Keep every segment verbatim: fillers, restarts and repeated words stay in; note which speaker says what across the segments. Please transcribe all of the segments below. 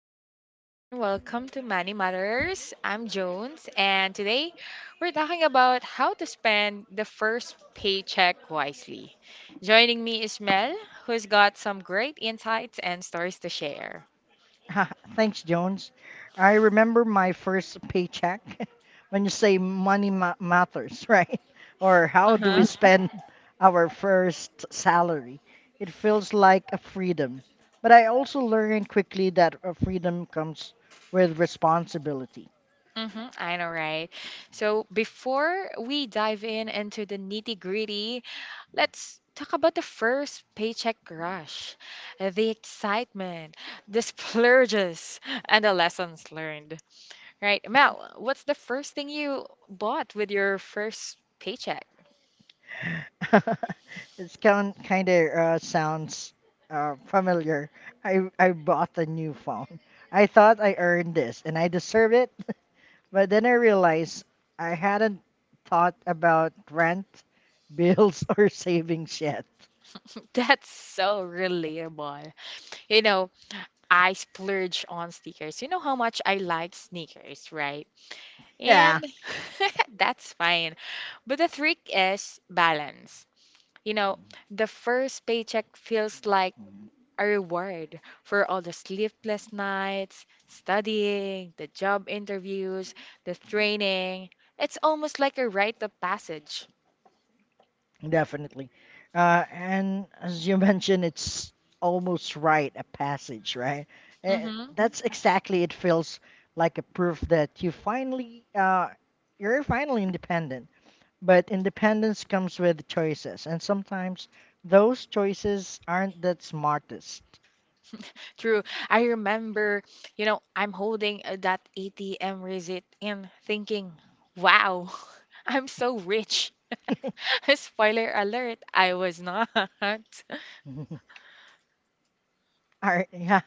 Speaker 1: Hey everyone, welcome to Money Matters. I'm Jones, and today we're talking about how to spend the first paycheck wisely. Joining me is Mel, who's got some great insights and stories to share.
Speaker 2: Thanks, Jones. I remember my first paycheck when you say money ma- matters, right? Or how
Speaker 1: Uh
Speaker 2: do we
Speaker 1: huh.
Speaker 2: spend our first salary? It feels like a freedom. But I also learned quickly that a freedom comes with responsibility.
Speaker 1: Mm-hmm, I know, right? So before we dive in into the nitty gritty, let's talk about the first paycheck rush, the excitement, the splurges, and the lessons learned. Right. Mel, what's the first thing you bought with your first paycheck?
Speaker 2: It's kind kind of uh, sounds uh, familiar. I I bought a new phone. I thought I earned this and I deserve it. But then I realized I hadn't thought about rent, bills, or savings yet.
Speaker 1: That's so relatable. You know, I splurge on sneakers. You know how much I like sneakers, right?
Speaker 2: Yeah,
Speaker 1: And that's fine. But the trick is balance. You know, the first paycheck feels like a reward for all the sleepless nights, studying, the job interviews, the training. It's almost like a rite of passage.
Speaker 2: definitely. Uh, and as you mentioned, it's almost right a passage, right? Eh,
Speaker 1: hmm
Speaker 2: that's exactly it feels like a proof that you finally uh, you're finally independent. But independence comes with choices, and sometimes those choices aren't that smartest.
Speaker 1: True. I remember, you know, I'm holding uh, that A T M receipt and thinking, wow, I'm so rich. Spoiler alert, I was not.
Speaker 2: Are yeah,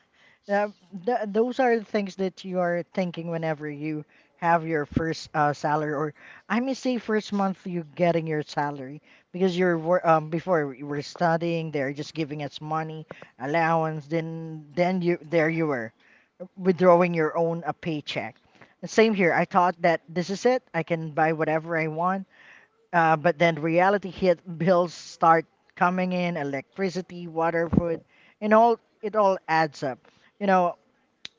Speaker 2: Yeah, th those are the things that you are thinking whenever you have your first uh, salary, or I may say first month you getting your salary because you're wor- um, before you were studying, they're just giving us money allowance, then then you there you were withdrawing your own a paycheck. Same here. I thought that this is it. I can buy whatever I want. Uh, but then reality hit. Bills start coming in, electricity, water, food, and all it all adds up. You know,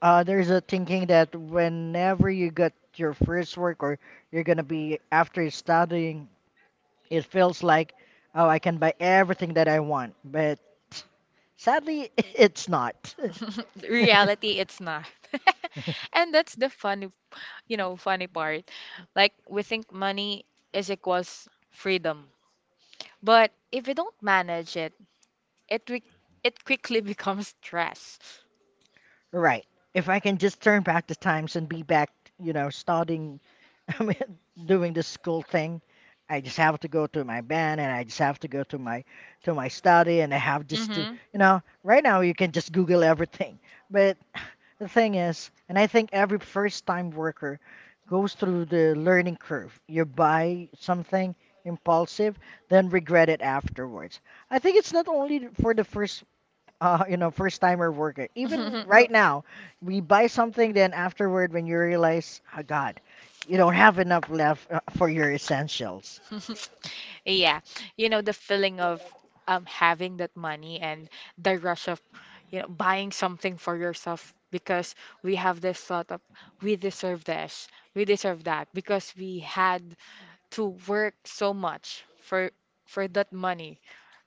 Speaker 2: uh, there's a thinking that whenever you get your first work or you're gonna be after studying, it feels like, oh, I can buy everything that I want. But sadly, it's not.
Speaker 1: Reality, it's not. And that's the funny you know, funny part. Like we think money is equals freedom. But if you don't manage it, it wi- it quickly becomes stress.
Speaker 2: Right. If I can just turn back the times and be back, you know, starting, I mean, doing the school thing, I just have to go to my band and I just have to go to my to my study and I have just to,
Speaker 1: Mhm.
Speaker 2: you know, right now you can just Google everything. But the thing is, and I think every first-time worker goes through the learning curve. You buy something impulsive, then regret it afterwards. I think it's not only for the first uh, you know, first timer worker. Even right now, we buy something, then afterward, when you realize, oh God, you don't have enough left uh, for your essentials.
Speaker 1: Yeah, you know the feeling of um having that money and the rush of you know buying something for yourself because we have this thought of we deserve this, we deserve that because we had to work so much for for that money,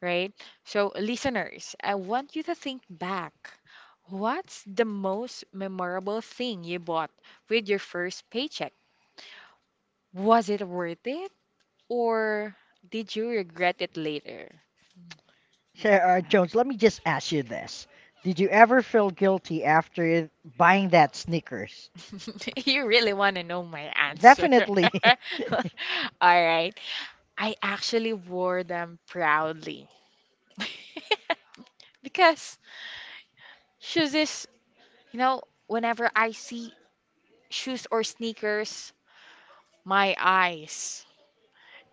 Speaker 1: right? So listeners, I want you to think back. What's the most memorable thing you bought with your first paycheck? Was it worth it or did you regret it later?
Speaker 2: Sir uh, Jones, let me just ask you this: did you ever feel guilty after buying that Snickers?
Speaker 1: You really want to know my answer.
Speaker 2: Definitely.
Speaker 1: All right. I actually wore them proudly because shoes is, you know, whenever I see shoes or sneakers, my eyes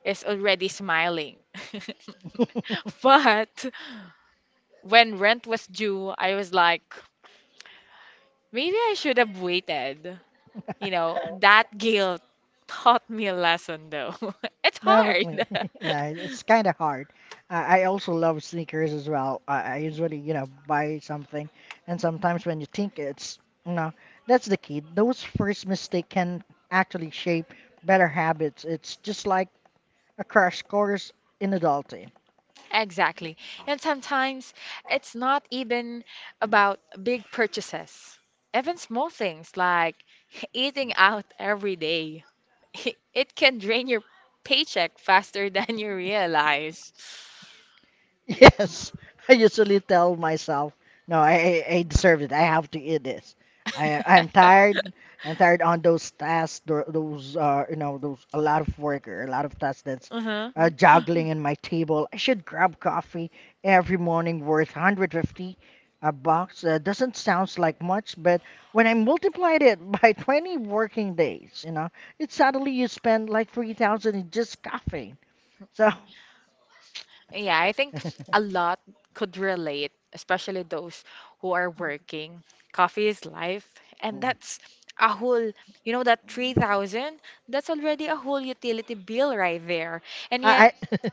Speaker 1: is already smiling. But when rent was due, I was like, maybe I should have waited. You know, that guilt taught me a lesson though. It's hard.
Speaker 2: Definitely. Yeah, it- it's kind of hard. I, I also love sneakers as well. I, I usually, you know, buy something, and sometimes when you think it's, you know, that's the key. Those first mistakes can actually shape better habits. It's just like a crash course in adulting.
Speaker 1: Exactly. And sometimes it's not even about big purchases. Even small things like eating out every day, it can drain your paycheck faster than you realize.
Speaker 2: Yes, I usually tell myself, no, I, I I deserve it. I have to eat this. I I'm tired. I'm tired on those tasks, tho- those uh, you know, those a lot of work or a lot of tasks that's
Speaker 1: hmm
Speaker 2: uh, juggling in my table. I should grab coffee every morning worth one hundred fifty a box. Uh, doesn't sounds like much, but when I multiplied it by twenty working days, you know, it suddenly you spend like three thousand in just coffee. So.
Speaker 1: Yeah, I think a lot could relate, especially those who are working. Coffee is life, and that's a whole, you know, that three thousand, that's already a whole utility bill right there. And
Speaker 2: I
Speaker 1: yet,
Speaker 2: I,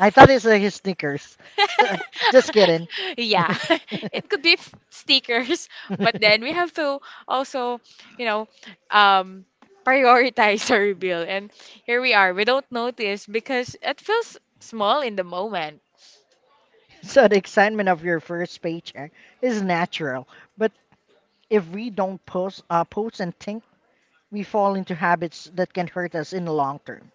Speaker 2: I thought it's uh, his sneakers. Just kidding.
Speaker 1: Yeah, it could be f- stickers, but then we have to also, you know, um, prioritize our bill. And here we are. We don't notice because it feels small in the moment.
Speaker 2: so the excitement of your first paycheck is natural, but if we don't post, uh, post and think, we fall into habits that can hurt us in the long term.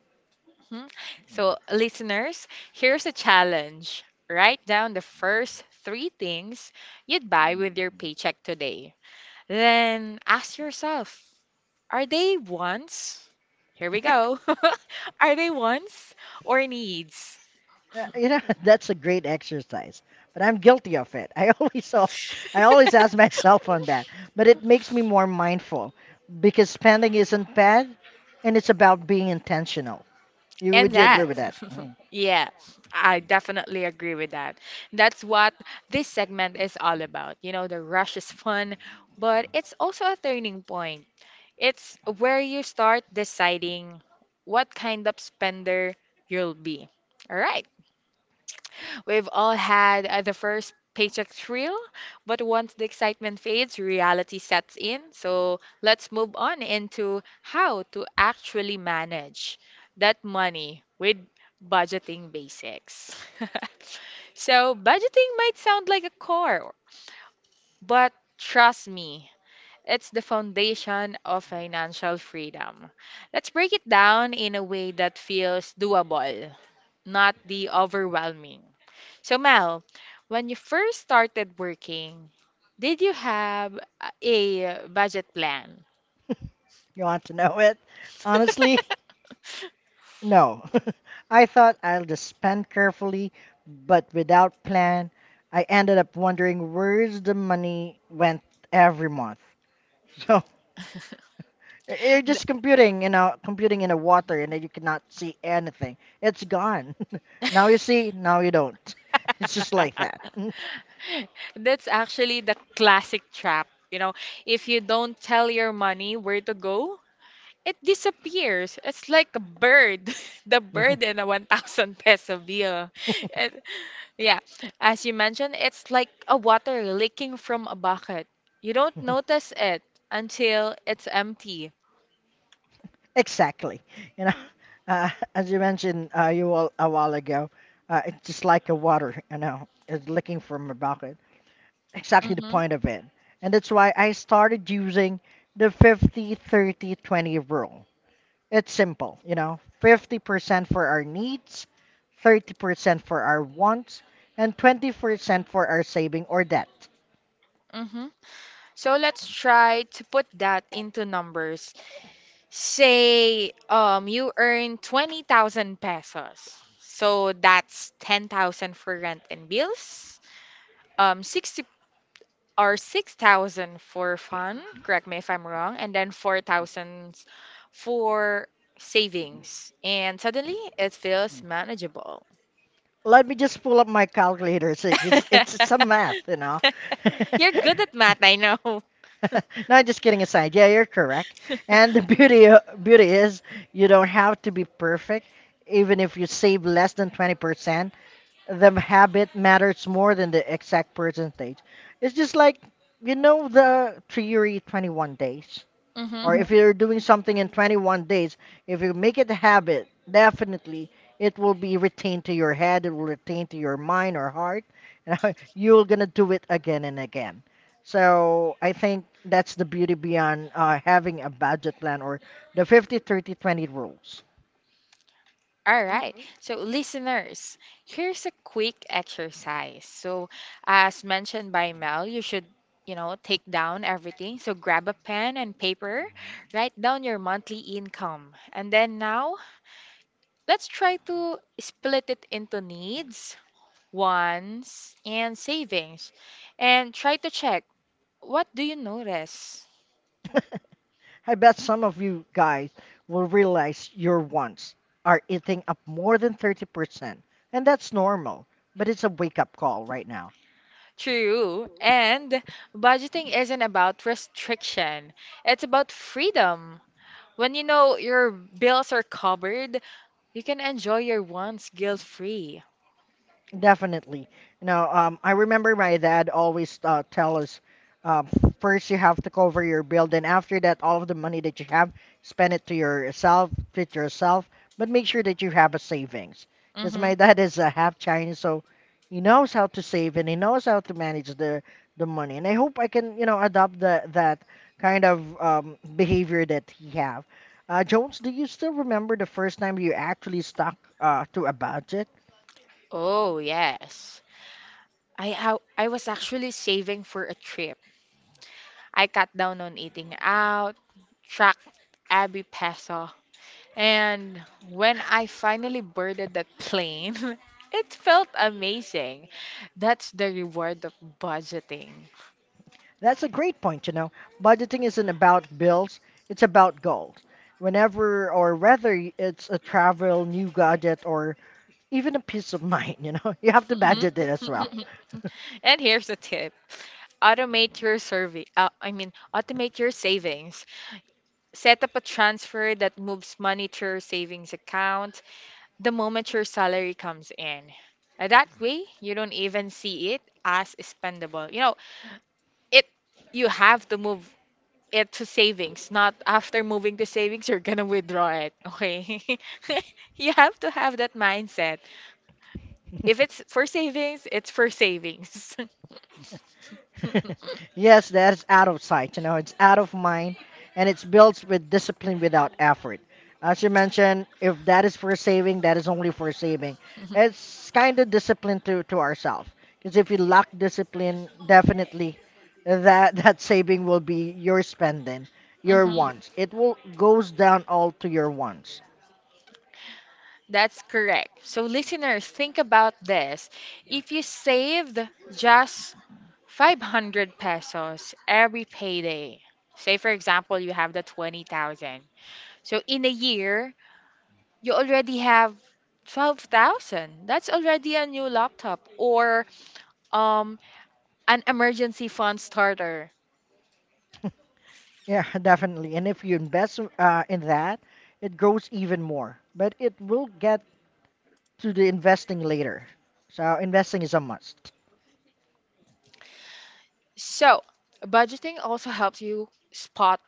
Speaker 1: Mhm. So, listeners, here's a challenge. Write down the first three things you'd buy with your paycheck today. Then ask yourself, are they wants? Here we go. Are they wants or needs?
Speaker 2: Uh, you know, that's a great exercise, but I'm guilty of it. I always, al- I always ask myself on that, but it makes me more mindful because spending isn't bad, and it's about being intentional. You
Speaker 1: And
Speaker 2: would you
Speaker 1: that.
Speaker 2: agree with that? Mm.
Speaker 1: Yeah, I definitely agree with that. That's what this segment is all about. You know, the rush is fun, but it's also a turning point. It's where you start deciding what kind of spender you'll be. All right. We've all had uh, the first paycheck thrill, but once the excitement fades, reality sets in. So let's move on into how to actually manage that money with budgeting basics. So, budgeting might sound like a core, but trust me, it's the foundation of financial freedom. Let's break it down in a way that feels doable, not the overwhelming. So, Mel, when you first started working, did you have a budget plan?
Speaker 2: You want to know it? Honestly, no. I thought I'll just spend carefully, but without plan, I ended up wondering where's the money went every month. So you're
Speaker 1: Th-
Speaker 2: just computing, you know, computing in the water, and then you cannot see anything. It's gone. Now you see, now you don't. It's just like that.
Speaker 1: That's actually the classic trap. You know, if you don't tell your money where to go, it disappears. It's like a bird, the bird in a one thousand peso bill. Yeah, as you mentioned, it's like a water leaking from a bucket. You don't notice it until it's empty.
Speaker 2: Exactly. You know, uh, as you mentioned uh, you all a while ago, uh, it's just like a water, you know, it's licking from a bucket. Exactly the
Speaker 1: Mm-hmm.
Speaker 2: point of it. And that's why I started using the 50 30 twenty rule. It's simple, you know, fifty percent for our needs, thirty percent for our wants, and twenty percent for our saving or debt.
Speaker 1: Mm-hmm. So let's try to put that into numbers. Say, um, you earn twenty thousand pesos. So that's ten thousand for rent and bills, um, sixty Are six thousand for fun, correct me if I'm wrong, and then four thousand for savings. And suddenly it feels manageable.
Speaker 2: Let me just pull up my calculator so it's, it's some math, you know.
Speaker 1: You're good at math, I know.
Speaker 2: no, just kidding aside. Yeah, you're correct. And the beauty beauty is you don't have to be perfect. Even if you save less than twenty percent, the habit matters more than the exact percentage. It's just like you know the theory twenty-one days
Speaker 1: Mm-hmm.
Speaker 2: or if you're doing something in twenty-one days, if you make it a habit, definitely it will be retained to your head, it will retain to your mind or heart, and you're gonna do it again and again. So I think that's the beauty beyond uh, having a budget plan or the 50 30 twenty rules.
Speaker 1: All right. So, listeners, here's a quick exercise. So, as mentioned by Mel, you should, you know, take down everything. So, grab a pen and paper, write down your monthly income. And then now, let's try to split it into needs, wants, and savings, and try to check, what do you notice?
Speaker 2: I bet some of you guys will realize your wants are eating up more than thirty percent, and that's normal, but it's a wake up call right now.
Speaker 1: True. And budgeting isn't about restriction, it's about freedom. When you know your bills are covered, you can enjoy your wants guilt-free.
Speaker 2: Definitely. You know, um, I remember my dad always uh, tell us, uh, first you have to cover your bill, then after that, all of the money that you have, spend it to yourself, treat yourself, but make sure that you have a savings. Because
Speaker 1: Mm-hmm.
Speaker 2: my dad is a half Chinese, so he knows how to save and he knows how to manage the the money. And I hope I can, you know, adopt the that kind of um, behavior that he have. Uh, Jones, do you still remember the first time you actually stuck uh, to a budget?
Speaker 1: Oh, yes. I, I I was actually saving for a trip. I cut down on eating out, tracked every peso, and when I finally boarded that plane, it felt amazing. That's the reward of budgeting.
Speaker 2: That's a great point, you know. Budgeting isn't about bills, it's about goals. Whenever or whether y- it's a travel, new gadget, or even a peace of mind, you know, you have to
Speaker 1: Mhm.
Speaker 2: budget it as well.
Speaker 1: And here's a tip. Automate your survey. Uh, I mean, Automate your savings. Set up a transfer that moves money to your savings account the moment your salary comes in. Uh, That way, you don't even see it as spendable. You know, it, you have to move it to savings, not after moving to savings, you're gonna withdraw it. Okay. You have to have that mindset. If it's for savings, it's for savings.
Speaker 2: yes, that's out of sight. You know, it's out of mind, and it's built with discipline without effort. As you mentioned, if that is for saving, that is only for saving. It's kind of discipline to to ourselves. Because if you lack discipline, definitely that that saving will be your spending, your
Speaker 1: Mhm.
Speaker 2: wants. It will goes down all to your wants.
Speaker 1: That's correct. So, listeners, think about this. If you saved just five hundred pesos every payday, say for example, you have the twenty thousand. So, in a year, you already have twelve thousand. That's already a new laptop or um, an emergency fund starter.
Speaker 2: Yeah, definitely. And if you invest uh, in that, it grows even more. But it will get to the investing later. So investing is a must.
Speaker 1: So, budgeting also helps you spot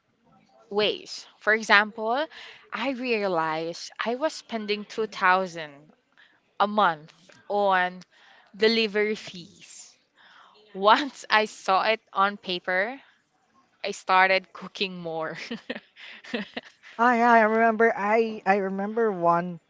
Speaker 1: ways. For example, I realized I was spending two thousand a month on delivery fees. Once I saw it on paper, I started cooking more.
Speaker 2: Ah, yeah, I remember. I I remember one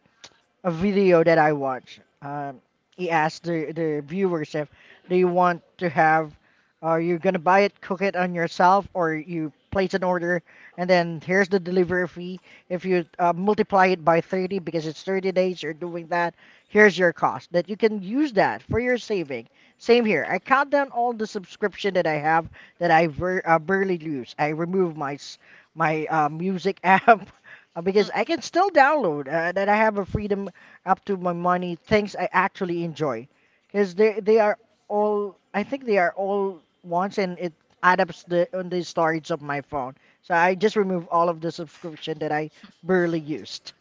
Speaker 2: a video that I watch. Um, he asked the the viewers if they want to have, are you gonna buy it, cook it on yourself, or you place an order and then here's the delivery fee. If you uh, multiply it by thirty because it's thirty days, you're doing that. Here's your cost. That you can use that for your saving. Same here. I cut down all the subscription that I have that I ver- uh, barely use. I remove my s- my uh, music app. Uh, because I can still download uh, that I have a freedom up to my money things I actually enjoy because they they are all I think they are all once, and it adds up the on the storage of my phone. So I just remove all of the subscription that I barely used.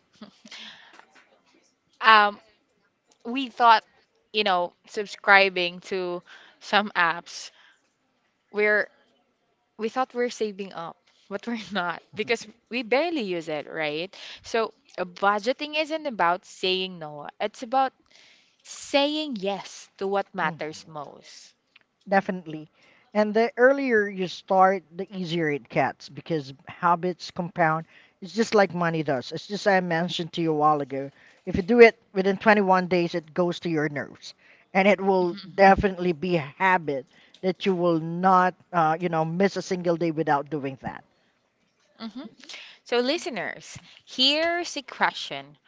Speaker 1: um, we thought, you know, subscribing to some apps, we're we thought we're saving up, but we're not because we barely use it, right? So uh, budgeting isn't about saying no. It's about saying yes to what
Speaker 2: Mm.
Speaker 1: matters most.
Speaker 2: Definitely. And the earlier you start, the easier it gets because habits compound. It's just like money does. It's just I mentioned to you a while ago. If you do it within twenty-one days, it goes to your nerves. And it will definitely be a habit that you will not, uh, you know, miss a single day without doing that.
Speaker 1: hmm So, listeners, here's a question.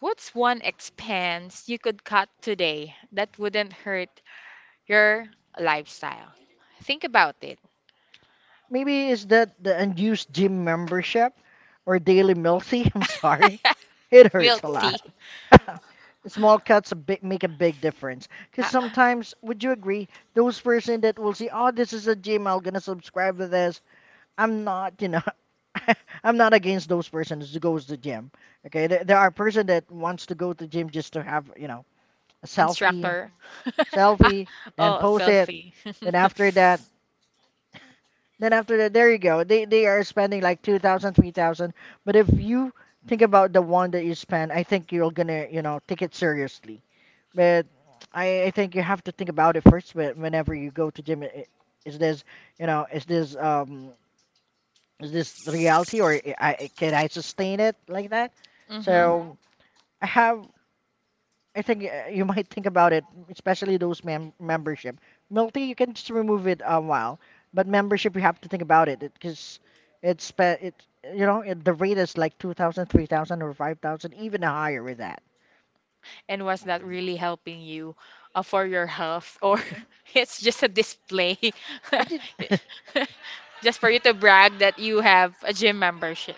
Speaker 1: What's one expense you could cut today that wouldn't hurt your lifestyle? Think about it.
Speaker 2: Maybe is that the unused gym membership or daily milsy? I'm sorry. It
Speaker 1: Milk
Speaker 2: hurts a
Speaker 1: tea.
Speaker 2: lot. Small cuts a big, make a big difference. Because
Speaker 1: Ho-
Speaker 2: sometimes, would you agree, those person that will see, oh, this is a gym, I'm gonna subscribe to this. I'm not, you know, I'm not against those persons who goes to gym. Okay, there, there are person that wants to go to gym just to have, you know, a selfie,
Speaker 1: instructor. Ah,
Speaker 2: selfie, then
Speaker 1: oh,
Speaker 2: post it,
Speaker 1: selfie.
Speaker 2: then after that, then after that, there you go. They they are spending like two thousand, three thousand. But if you think about the one that you spend, I think you're gonna, you know, take it seriously but I, I think you have to think about it first whe- whenever you go to gym. i- Is this, you know, is this um is this reality or I, I- can I sustain it like that? Mm-hmm.
Speaker 1: hmm
Speaker 2: So I have I think uh, you might think about it, especially those mem membership. Multi you can just remove it a while, but membership you have to think about it because it's spe- it you know it, the rate is like two thousand, three thousand, or five thousand even higher with that.
Speaker 1: And was that really helping you uh, for your health, or it's just a display,
Speaker 2: It did.
Speaker 1: just for you to brag that you have a gym membership?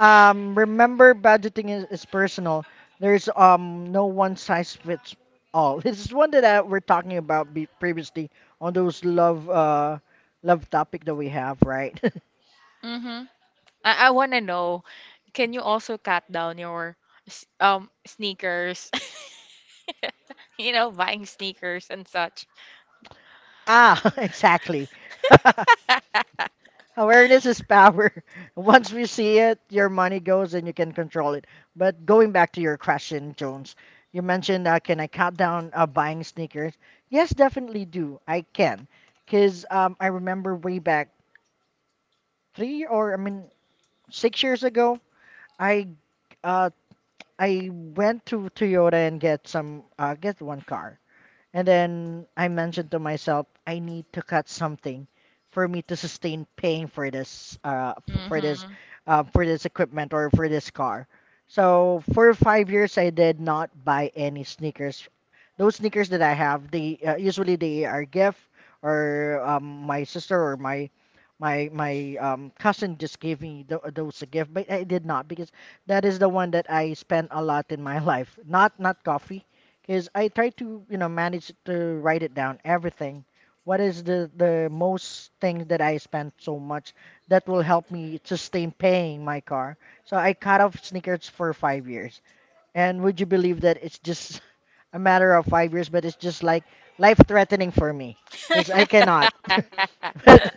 Speaker 2: Um, remember, budgeting is, is personal. There's um no one size fits all. This is one that I, we're talking about be, previously on those love uh love topic that we have, right?
Speaker 1: Mm-hmm. I, I want to know, can you also cut down your s- um sneakers? You know, buying sneakers and such.
Speaker 2: Ah, exactly. Awareness is power. Once we see it, your money goes and you can control it. But going back to your question, Jones, you mentioned uh, can I cut down uh, buying sneakers? Yes, definitely do. I can. Because um, I remember way back three or I mean six years ago, I uh I went to Toyota and get some uh get one car. And then I mentioned to myself, I need to cut something for me to sustain paying for this, uh, f- for this,
Speaker 1: Mm-hmm.
Speaker 2: uh, for this equipment or for this car. So for five years, I did not buy any sneakers. Those sneakers that I have, they uh, usually they are gift or um, my sister or my my my um, cousin just gave me th- those a gift, but I did not because that is the one that I spent a lot in my life. Not not coffee because I try to, you know, manage to write it down, everything. What is the the most thing that I spent so much that will help me sustain paying my car? So I cut off sneakers for five years, and would you believe that it's just a matter of five years, but it's just like life threatening for me because I cannot. but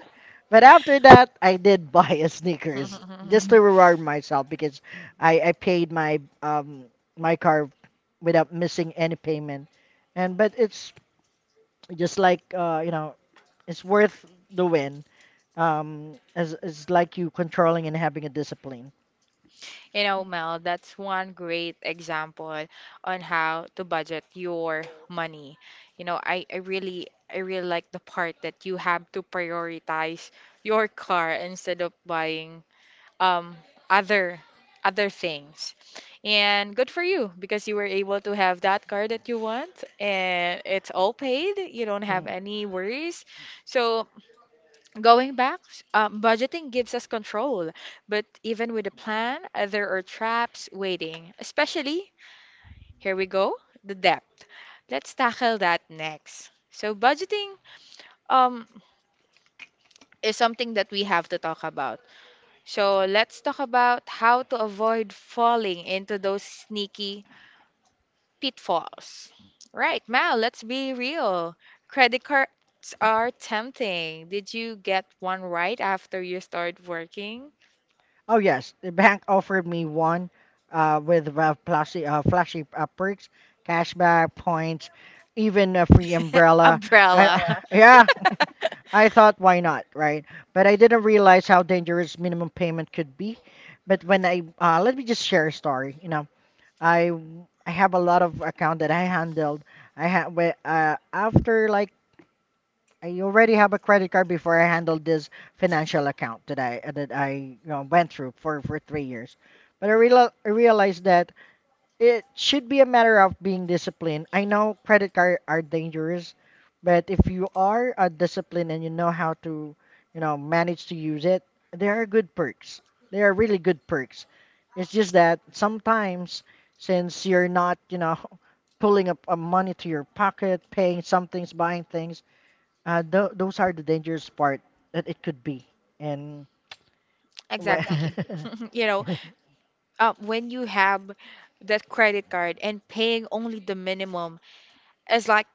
Speaker 2: but after that, I did buy a sneakers just to reward myself because I I paid my um my car without missing any payment, and but it's just like uh you know it's worth the win um as it's like you controlling and having a discipline.
Speaker 1: You know, Mel, that's one great example on how to budget your money. You know, I, I really I really like the part that you have to prioritize your car instead of buying um other other things. And good for you because you were able to have that car that you want and it's all paid. You don't have
Speaker 2: Mm.
Speaker 1: any worries. So, going back, um, budgeting gives us control, but even with a plan, uh, there are traps waiting, especially, here we go, the debt. Let's tackle that next. So, budgeting um, is something that we have to talk about. So, let's talk about how to avoid falling into those sneaky pitfalls. Right, Mal, let's be real. Credit cards are tempting. Did you get one right after you start working?
Speaker 2: Oh yes, the bank offered me one uh, with uh, flashy, uh, flashy uh, perks, cashback points, even a free umbrella.
Speaker 1: Umbrella.
Speaker 2: I, yeah, I thought why not, right? But I didn't realize how dangerous minimum payment could be. But when I uh, let me just share a story. You know, I I have a lot of account that I handled. I had uh, after like I already have a credit card before I handled this financial account that I that I you know, went through for for three years. But I, real, I realized that it should be a matter of being disciplined. I know credit cards are dangerous, but if you are uh, disciplined and you know how to, you know, manage to use it, there are good perks. There are really good perks. It's just that sometimes, since you're not, you know, pulling up uh, money to your pocket, paying some things, buying things, uh, th- those are the dangerous part that it could be. And
Speaker 1: Exactly.
Speaker 2: wh-
Speaker 1: You know, uh, when you have that credit card and paying only the minimum is like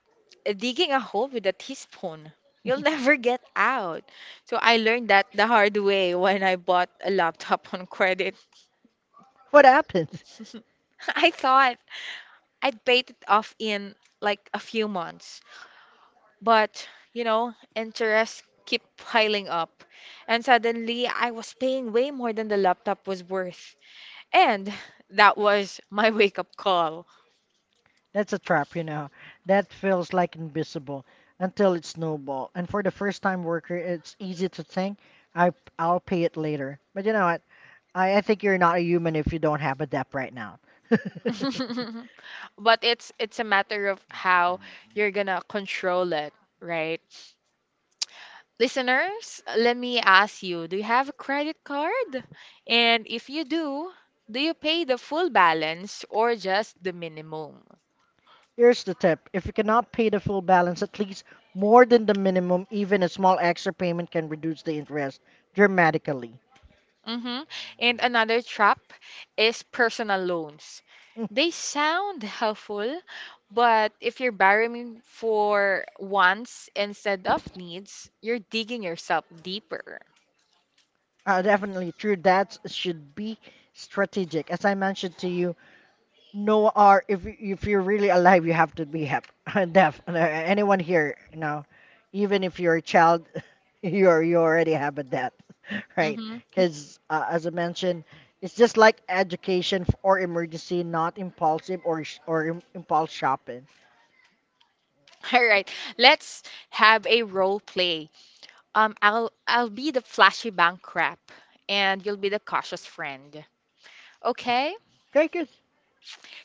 Speaker 1: digging a hole with a teaspoon. You'll never get out. So I learned that the hard way when I bought a laptop on credit.
Speaker 2: what happens?
Speaker 1: I thought I'd paid it off in like a few months, but you know, interest keep piling up, and suddenly I was paying way more than the laptop was worth. And that was my wake up call.
Speaker 2: That's a trap, you know. That feels like invisible until it snowball. And for the first time worker, it's easy to think, I, I'll pay it later. But you know what? I, I think you're not a human if you don't have a debt right now.
Speaker 1: But it's it's a matter of how you're gonna control it, right? Listeners, let me ask you, do you have a credit card? And if you do, do you pay the full balance or just the minimum?
Speaker 2: Here's the tip. If you cannot pay the full balance, at least more than the minimum, even a small extra payment can reduce the interest dramatically.
Speaker 1: Mm-hmm. And another trap is personal loans. They sound helpful, but if you're borrowing for wants instead of needs, you're digging yourself deeper.
Speaker 2: Uh, definitely true. That should be strategic. As I mentioned to you, no R. if you- if you're really alive, you have to be happy. Def uh, Anyone here, you know, even if you're a child, you're you already have a debt, right?
Speaker 1: Mm-hmm.
Speaker 2: Because uh, as I mentioned, it's just like education f- or emergency, not impulsive or sh- or im- impulse shopping.
Speaker 1: All right, let's have a role play. Um, I'll I'll be the flashy bank rep, and you'll be the cautious friend. Okay?
Speaker 2: Okay, good.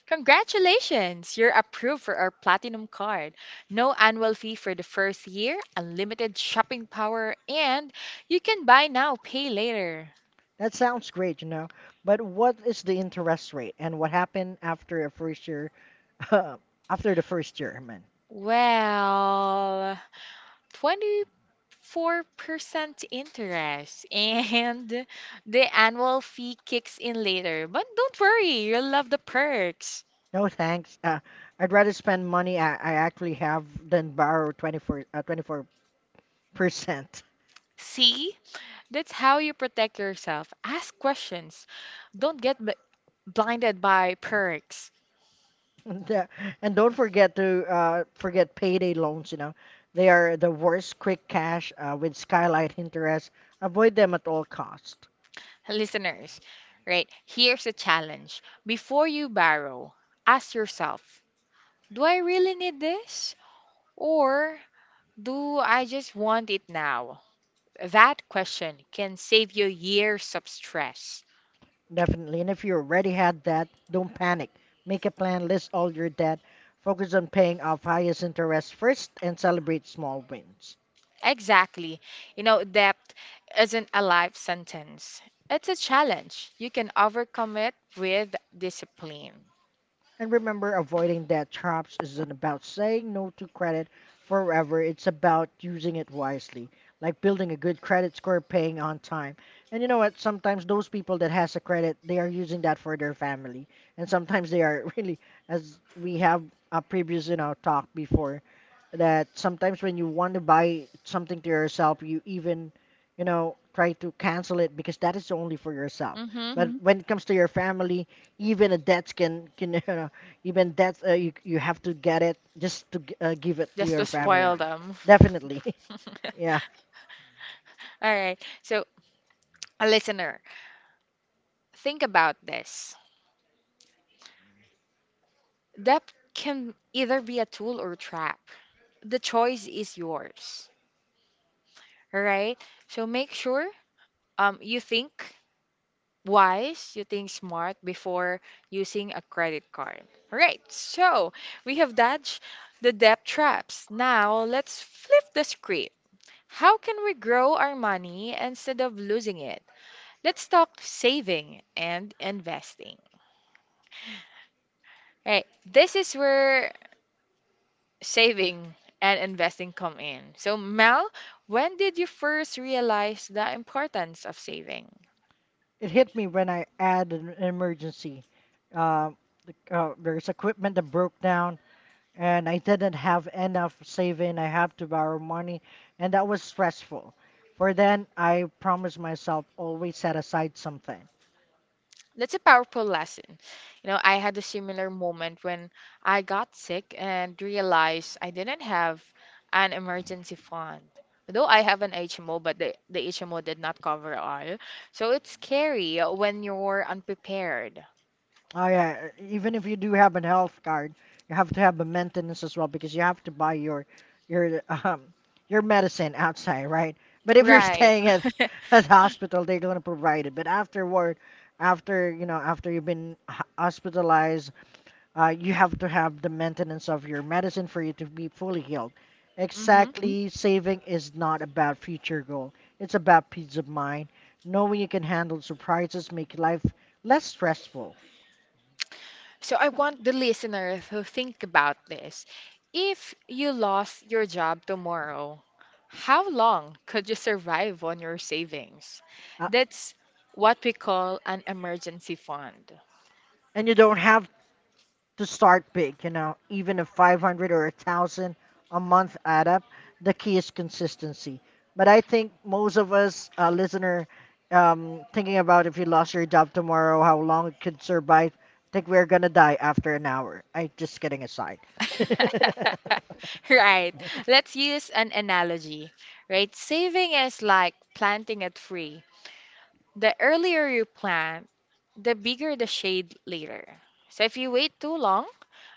Speaker 1: Congratulations! You're approved for our Platinum card. No annual fee for the first year, unlimited shopping power, and you can buy now, pay later.
Speaker 2: That sounds great, you know. But what is the interest rate and what happened after a first year after the first year, man.
Speaker 1: Well, twenty-four percent interest, and the annual fee kicks in later. But don't worry, you'll love the perks.
Speaker 2: No thanks. Uh, I'd rather spend money I, I actually have than borrow twenty-four uh, twenty-four percent.
Speaker 1: See? That's how you protect yourself. Ask questions. Don't get b- blinded by perks.
Speaker 2: And, uh, and don't forget to uh, forget payday loans, you know. They are the worst quick cash uh, with skylight interest. Avoid them at all cost.
Speaker 1: Listeners, right? Here's a challenge. Before you borrow, ask yourself, do I really need this? Or do I just want it now? That question can save you years of stress.
Speaker 2: Definitely. And if you already had debt, don't panic. Make a plan, list all your debt, focus on paying off highest interest first, and celebrate small wins.
Speaker 1: Exactly. You know, debt isn't a life sentence. It's a challenge. You can overcome it with discipline.
Speaker 2: And remember, avoiding debt traps isn't about saying no to credit forever, it's about using it wisely, like building a good credit score, paying on time. And you know what? Sometimes those people that has a credit, they are using that for their family. And sometimes they are really, as we have a previous, you know, talk before, that sometimes when you want to buy something to yourself, you even, you know, try to cancel it because that is only for yourself.
Speaker 1: Mm-hmm.
Speaker 2: But mhm, when it comes to your family, even a debt can can you know, even that's uh, you you have to get it just to g- uh, give it to
Speaker 1: Just to
Speaker 2: your family.
Speaker 1: spoil them.
Speaker 2: Definitely,
Speaker 1: All
Speaker 2: yeah.
Speaker 1: right. So, a listener, think about this. That can either be a tool or a trap. The choice is yours. All right. So make sure um you think wise, you think smart before using a credit card. All right. So we have dodged the debt traps. Now let's flip the script. How can we grow our money instead of losing it? Let's talk saving and investing. Right. This is where saving and investing come in. So, Mel, when did you first realize the importance of saving?
Speaker 2: It hit me when I had an emergency. Um, the- uh, there's equipment that broke down, and I didn't have enough saving. I have to borrow money, and that was stressful. For then, I promised myself always set aside something.
Speaker 1: That's a powerful lesson. You know, I had a similar moment when I got sick and realized I didn't have an emergency fund. Though I have an H M O, but the, the H M O did not cover all. So it's scary when you're unprepared.
Speaker 2: Oh yeah, even if you do have a health card, you have to have a maintenance as well because you have to buy your your um your medicine outside, right? But if you're
Speaker 1: Right.
Speaker 2: staying at at the hospital, they're gonna provide it. But afterward, after you know, after you've been h- hospitalized, uh, you have to have the maintenance of your medicine for you to be fully healed. Exactly, saving is not about future goal. It's about peace of mind, knowing you can handle surprises, make life less stressful.
Speaker 1: So I want the listener to think about this. If you lost your job tomorrow, how long could you survive on your savings? That's what we call an emergency fund.
Speaker 2: And you don't have to start big, you know, even if five hundred or one thousand a month add up, the key is consistency. But I think most of us, uh, listener, um, thinking about if you lost your job tomorrow, how long it could survive, think we're gonna die after an hour. I just kidding aside.
Speaker 1: Right. Let's use an analogy, right? Saving is like planting a tree. The earlier you plant, the bigger the shade later. So if you wait too long,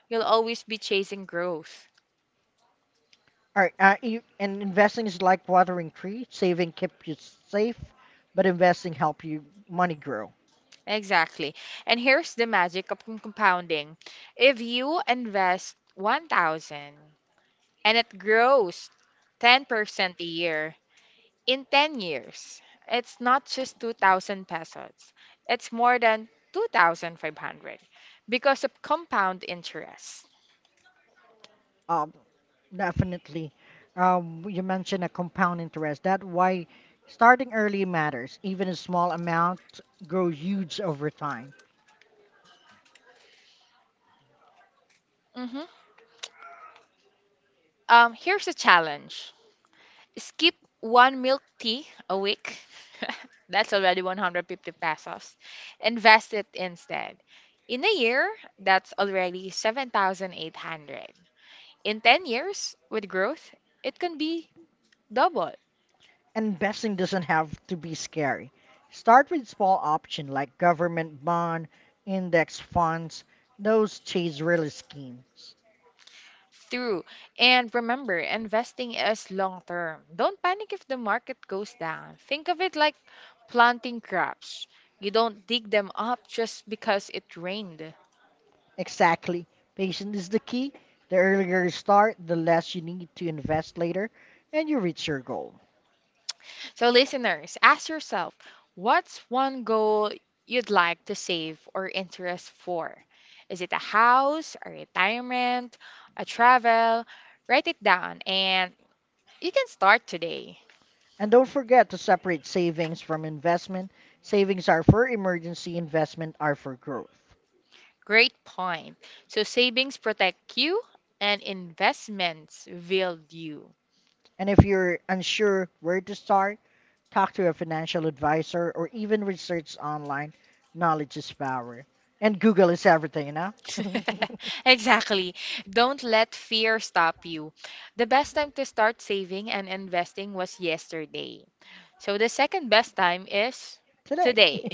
Speaker 1: you'll always be chasing growth.
Speaker 2: All right, uh, you, and investing is like watering tree. Saving keep you safe, but investing help you money grow.
Speaker 1: Exactly. And here's the magic of com- compounding. If you invest one thousand and it grows ten percent a year in ten years, it's not just two thousand pesos. It's more than two thousand five hundred because of compound interest.
Speaker 2: Um, Definitely. Um, you mentioned a compound interest. That why starting early matters. Even a small amount grows huge over time.
Speaker 1: Hmm. Um, here's a challenge. Skip one milk tea a week. That's already one hundred fifty pesos. Invest it instead. In a year, that's already seven thousand eight hundred. In ten years, with growth, it can be double.
Speaker 2: Investing doesn't have to be scary. Start with small option like government bond, index funds, those chase really schemes.
Speaker 1: Through. And remember, investing is long term. Don't panic if the market goes down. Think of it like planting crops. You don't dig them up just because it rained.
Speaker 2: Exactly. Patience is the key. The earlier you start, the less you need to invest later, and you reach your goal.
Speaker 1: So, listeners, ask yourself, what's one goal you'd like to save or interest for? Is it a house, a retirement, a travel? Write it down and you can start today.
Speaker 2: And don't forget to separate savings from investment. Savings are for emergency, investment are for growth.
Speaker 1: Great point. So, savings protect you and investments build you.
Speaker 2: And if you're unsure where to start, talk to a financial advisor or even research online. Knowledge is power. And Google is everything, you know?
Speaker 1: Exactly. Don't let fear stop you. The best time to start saving and investing was yesterday. So the second best time is
Speaker 2: Today.
Speaker 1: today.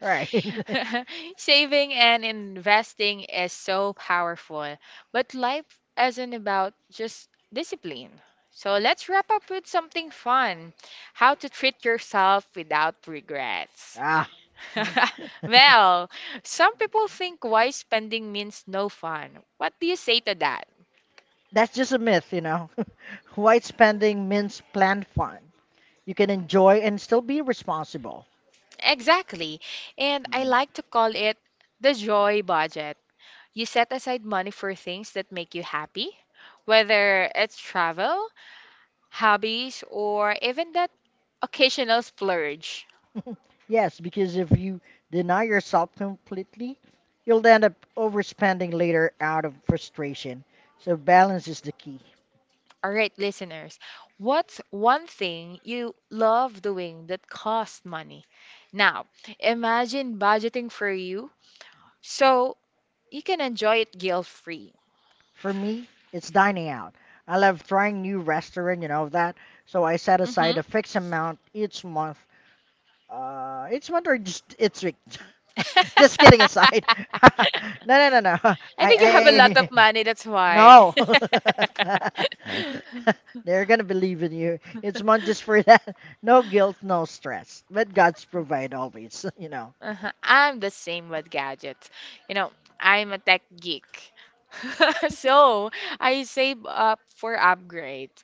Speaker 2: Right.
Speaker 1: Saving and investing is so powerful, but life isn't about just discipline. So let's wrap up with something fun. How to treat yourself without regrets.
Speaker 2: Ah.
Speaker 1: Well, some people think why spending means no fun. What do you say to that?
Speaker 2: That's just a myth, you know. White spending means planned fun. You can enjoy and still be responsible.
Speaker 1: Exactly. And I like to call it the joy budget. You set aside money for things that make you happy, whether it's travel, hobbies, or even that occasional splurge.
Speaker 2: Yes, because if you deny yourself completely, you'll end up overspending later out of frustration. So balance is the key.
Speaker 1: All right, listeners, what's one thing you love doing that costs money? Now, imagine budgeting for you so you can enjoy it guilt-free.
Speaker 2: For me, it's dining out. I love trying new restaurant, you know that. So I set aside
Speaker 1: Hmm.
Speaker 2: a fixed amount each month. Uh, each month or just each week. Just kidding aside. No, no, no, no. I,
Speaker 1: I think you have a lot of
Speaker 2: I, I-
Speaker 1: money, that's why.
Speaker 2: No. They're going to believe in you. It's not just for that. No guilt, no stress. But God's provide always, you know.
Speaker 1: Uh-huh. I'm the same with gadgets. You know, I'm a tech geek. So I save up for upgrades.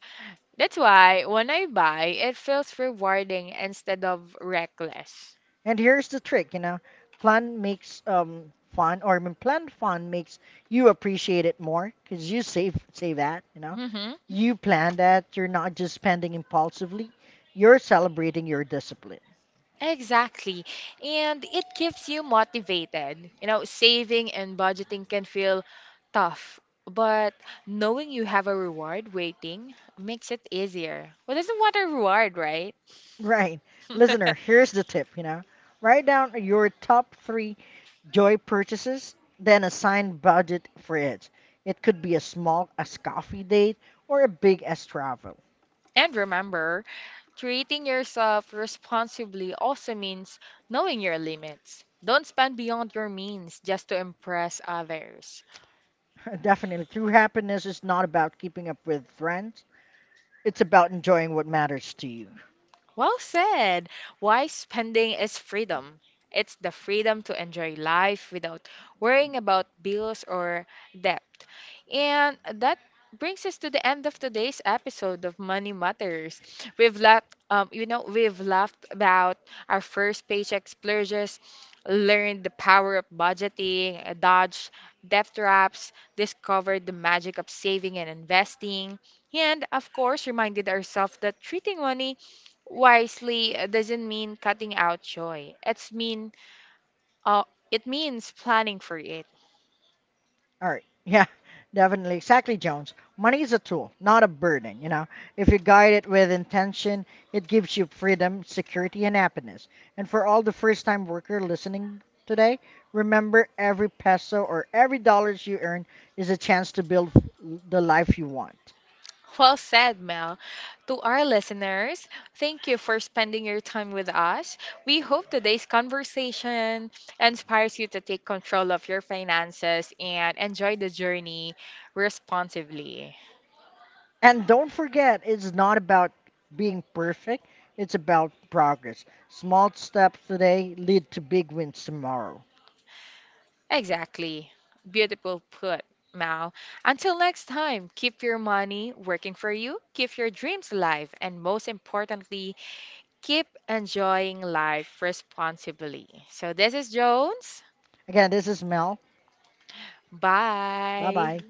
Speaker 1: That's why when I buy, it feels rewarding instead of reckless.
Speaker 2: And here's the trick, you know. Plan makes um fun or I mean, Plan fun makes you appreciate it more cuz you save save that, you know.
Speaker 1: Hmm.
Speaker 2: You plan that you're not just spending impulsively. You're celebrating your discipline.
Speaker 1: Exactly. And it keeps you motivated. You know, saving and budgeting can feel tough, but knowing you have a reward waiting makes it easier. Well, doesn't want a reward, right?
Speaker 2: Right. Listener, here's the tip, you know. Write down your top three joy purchases, then assign budget for it. It could be as small as coffee date or a big as travel.
Speaker 1: And remember, treating yourself responsibly also means knowing your limits. Don't spend beyond your means just to impress others.
Speaker 2: Definitely, true happiness is not about keeping up with friends. It's about enjoying what matters to you.
Speaker 1: Well said. Why spending is freedom. It's the freedom to enjoy life without worrying about bills or debt. And that brings us to the end of today's episode of Money Matters. We've laughed, um, you know, we've laughed about our first paycheck splurges, learned the power of budgeting, uh, dodged debt traps, discovered the magic of saving and investing, and of course, reminded ourselves that treating money wisely uh, doesn't mean cutting out joy. It's mean uh, it means planning for it.
Speaker 2: All right. Yeah, definitely. Exactly, Jones. Money is a tool, not a burden, you know. If you guide it with intention, it gives you freedom, security, and happiness. And for all the first-time worker listening today, remember every peso or every dollars you earn is a chance to build f- the life you want.
Speaker 1: Well said, Mel. To our listeners, thank you for spending your time with us. We hope today's conversation inspires you to take control of your finances and enjoy the journey responsibly.
Speaker 2: And don't forget, it's not about being perfect, it's about progress. Small steps today lead to big wins tomorrow.
Speaker 1: Exactly. Beautiful put, Mal. Until next time, keep your money working for you, keep your dreams alive, and most importantly, keep enjoying life responsibly. So, this is Jones.
Speaker 2: Again, this is Mel.
Speaker 1: Bye.
Speaker 2: Bye-bye.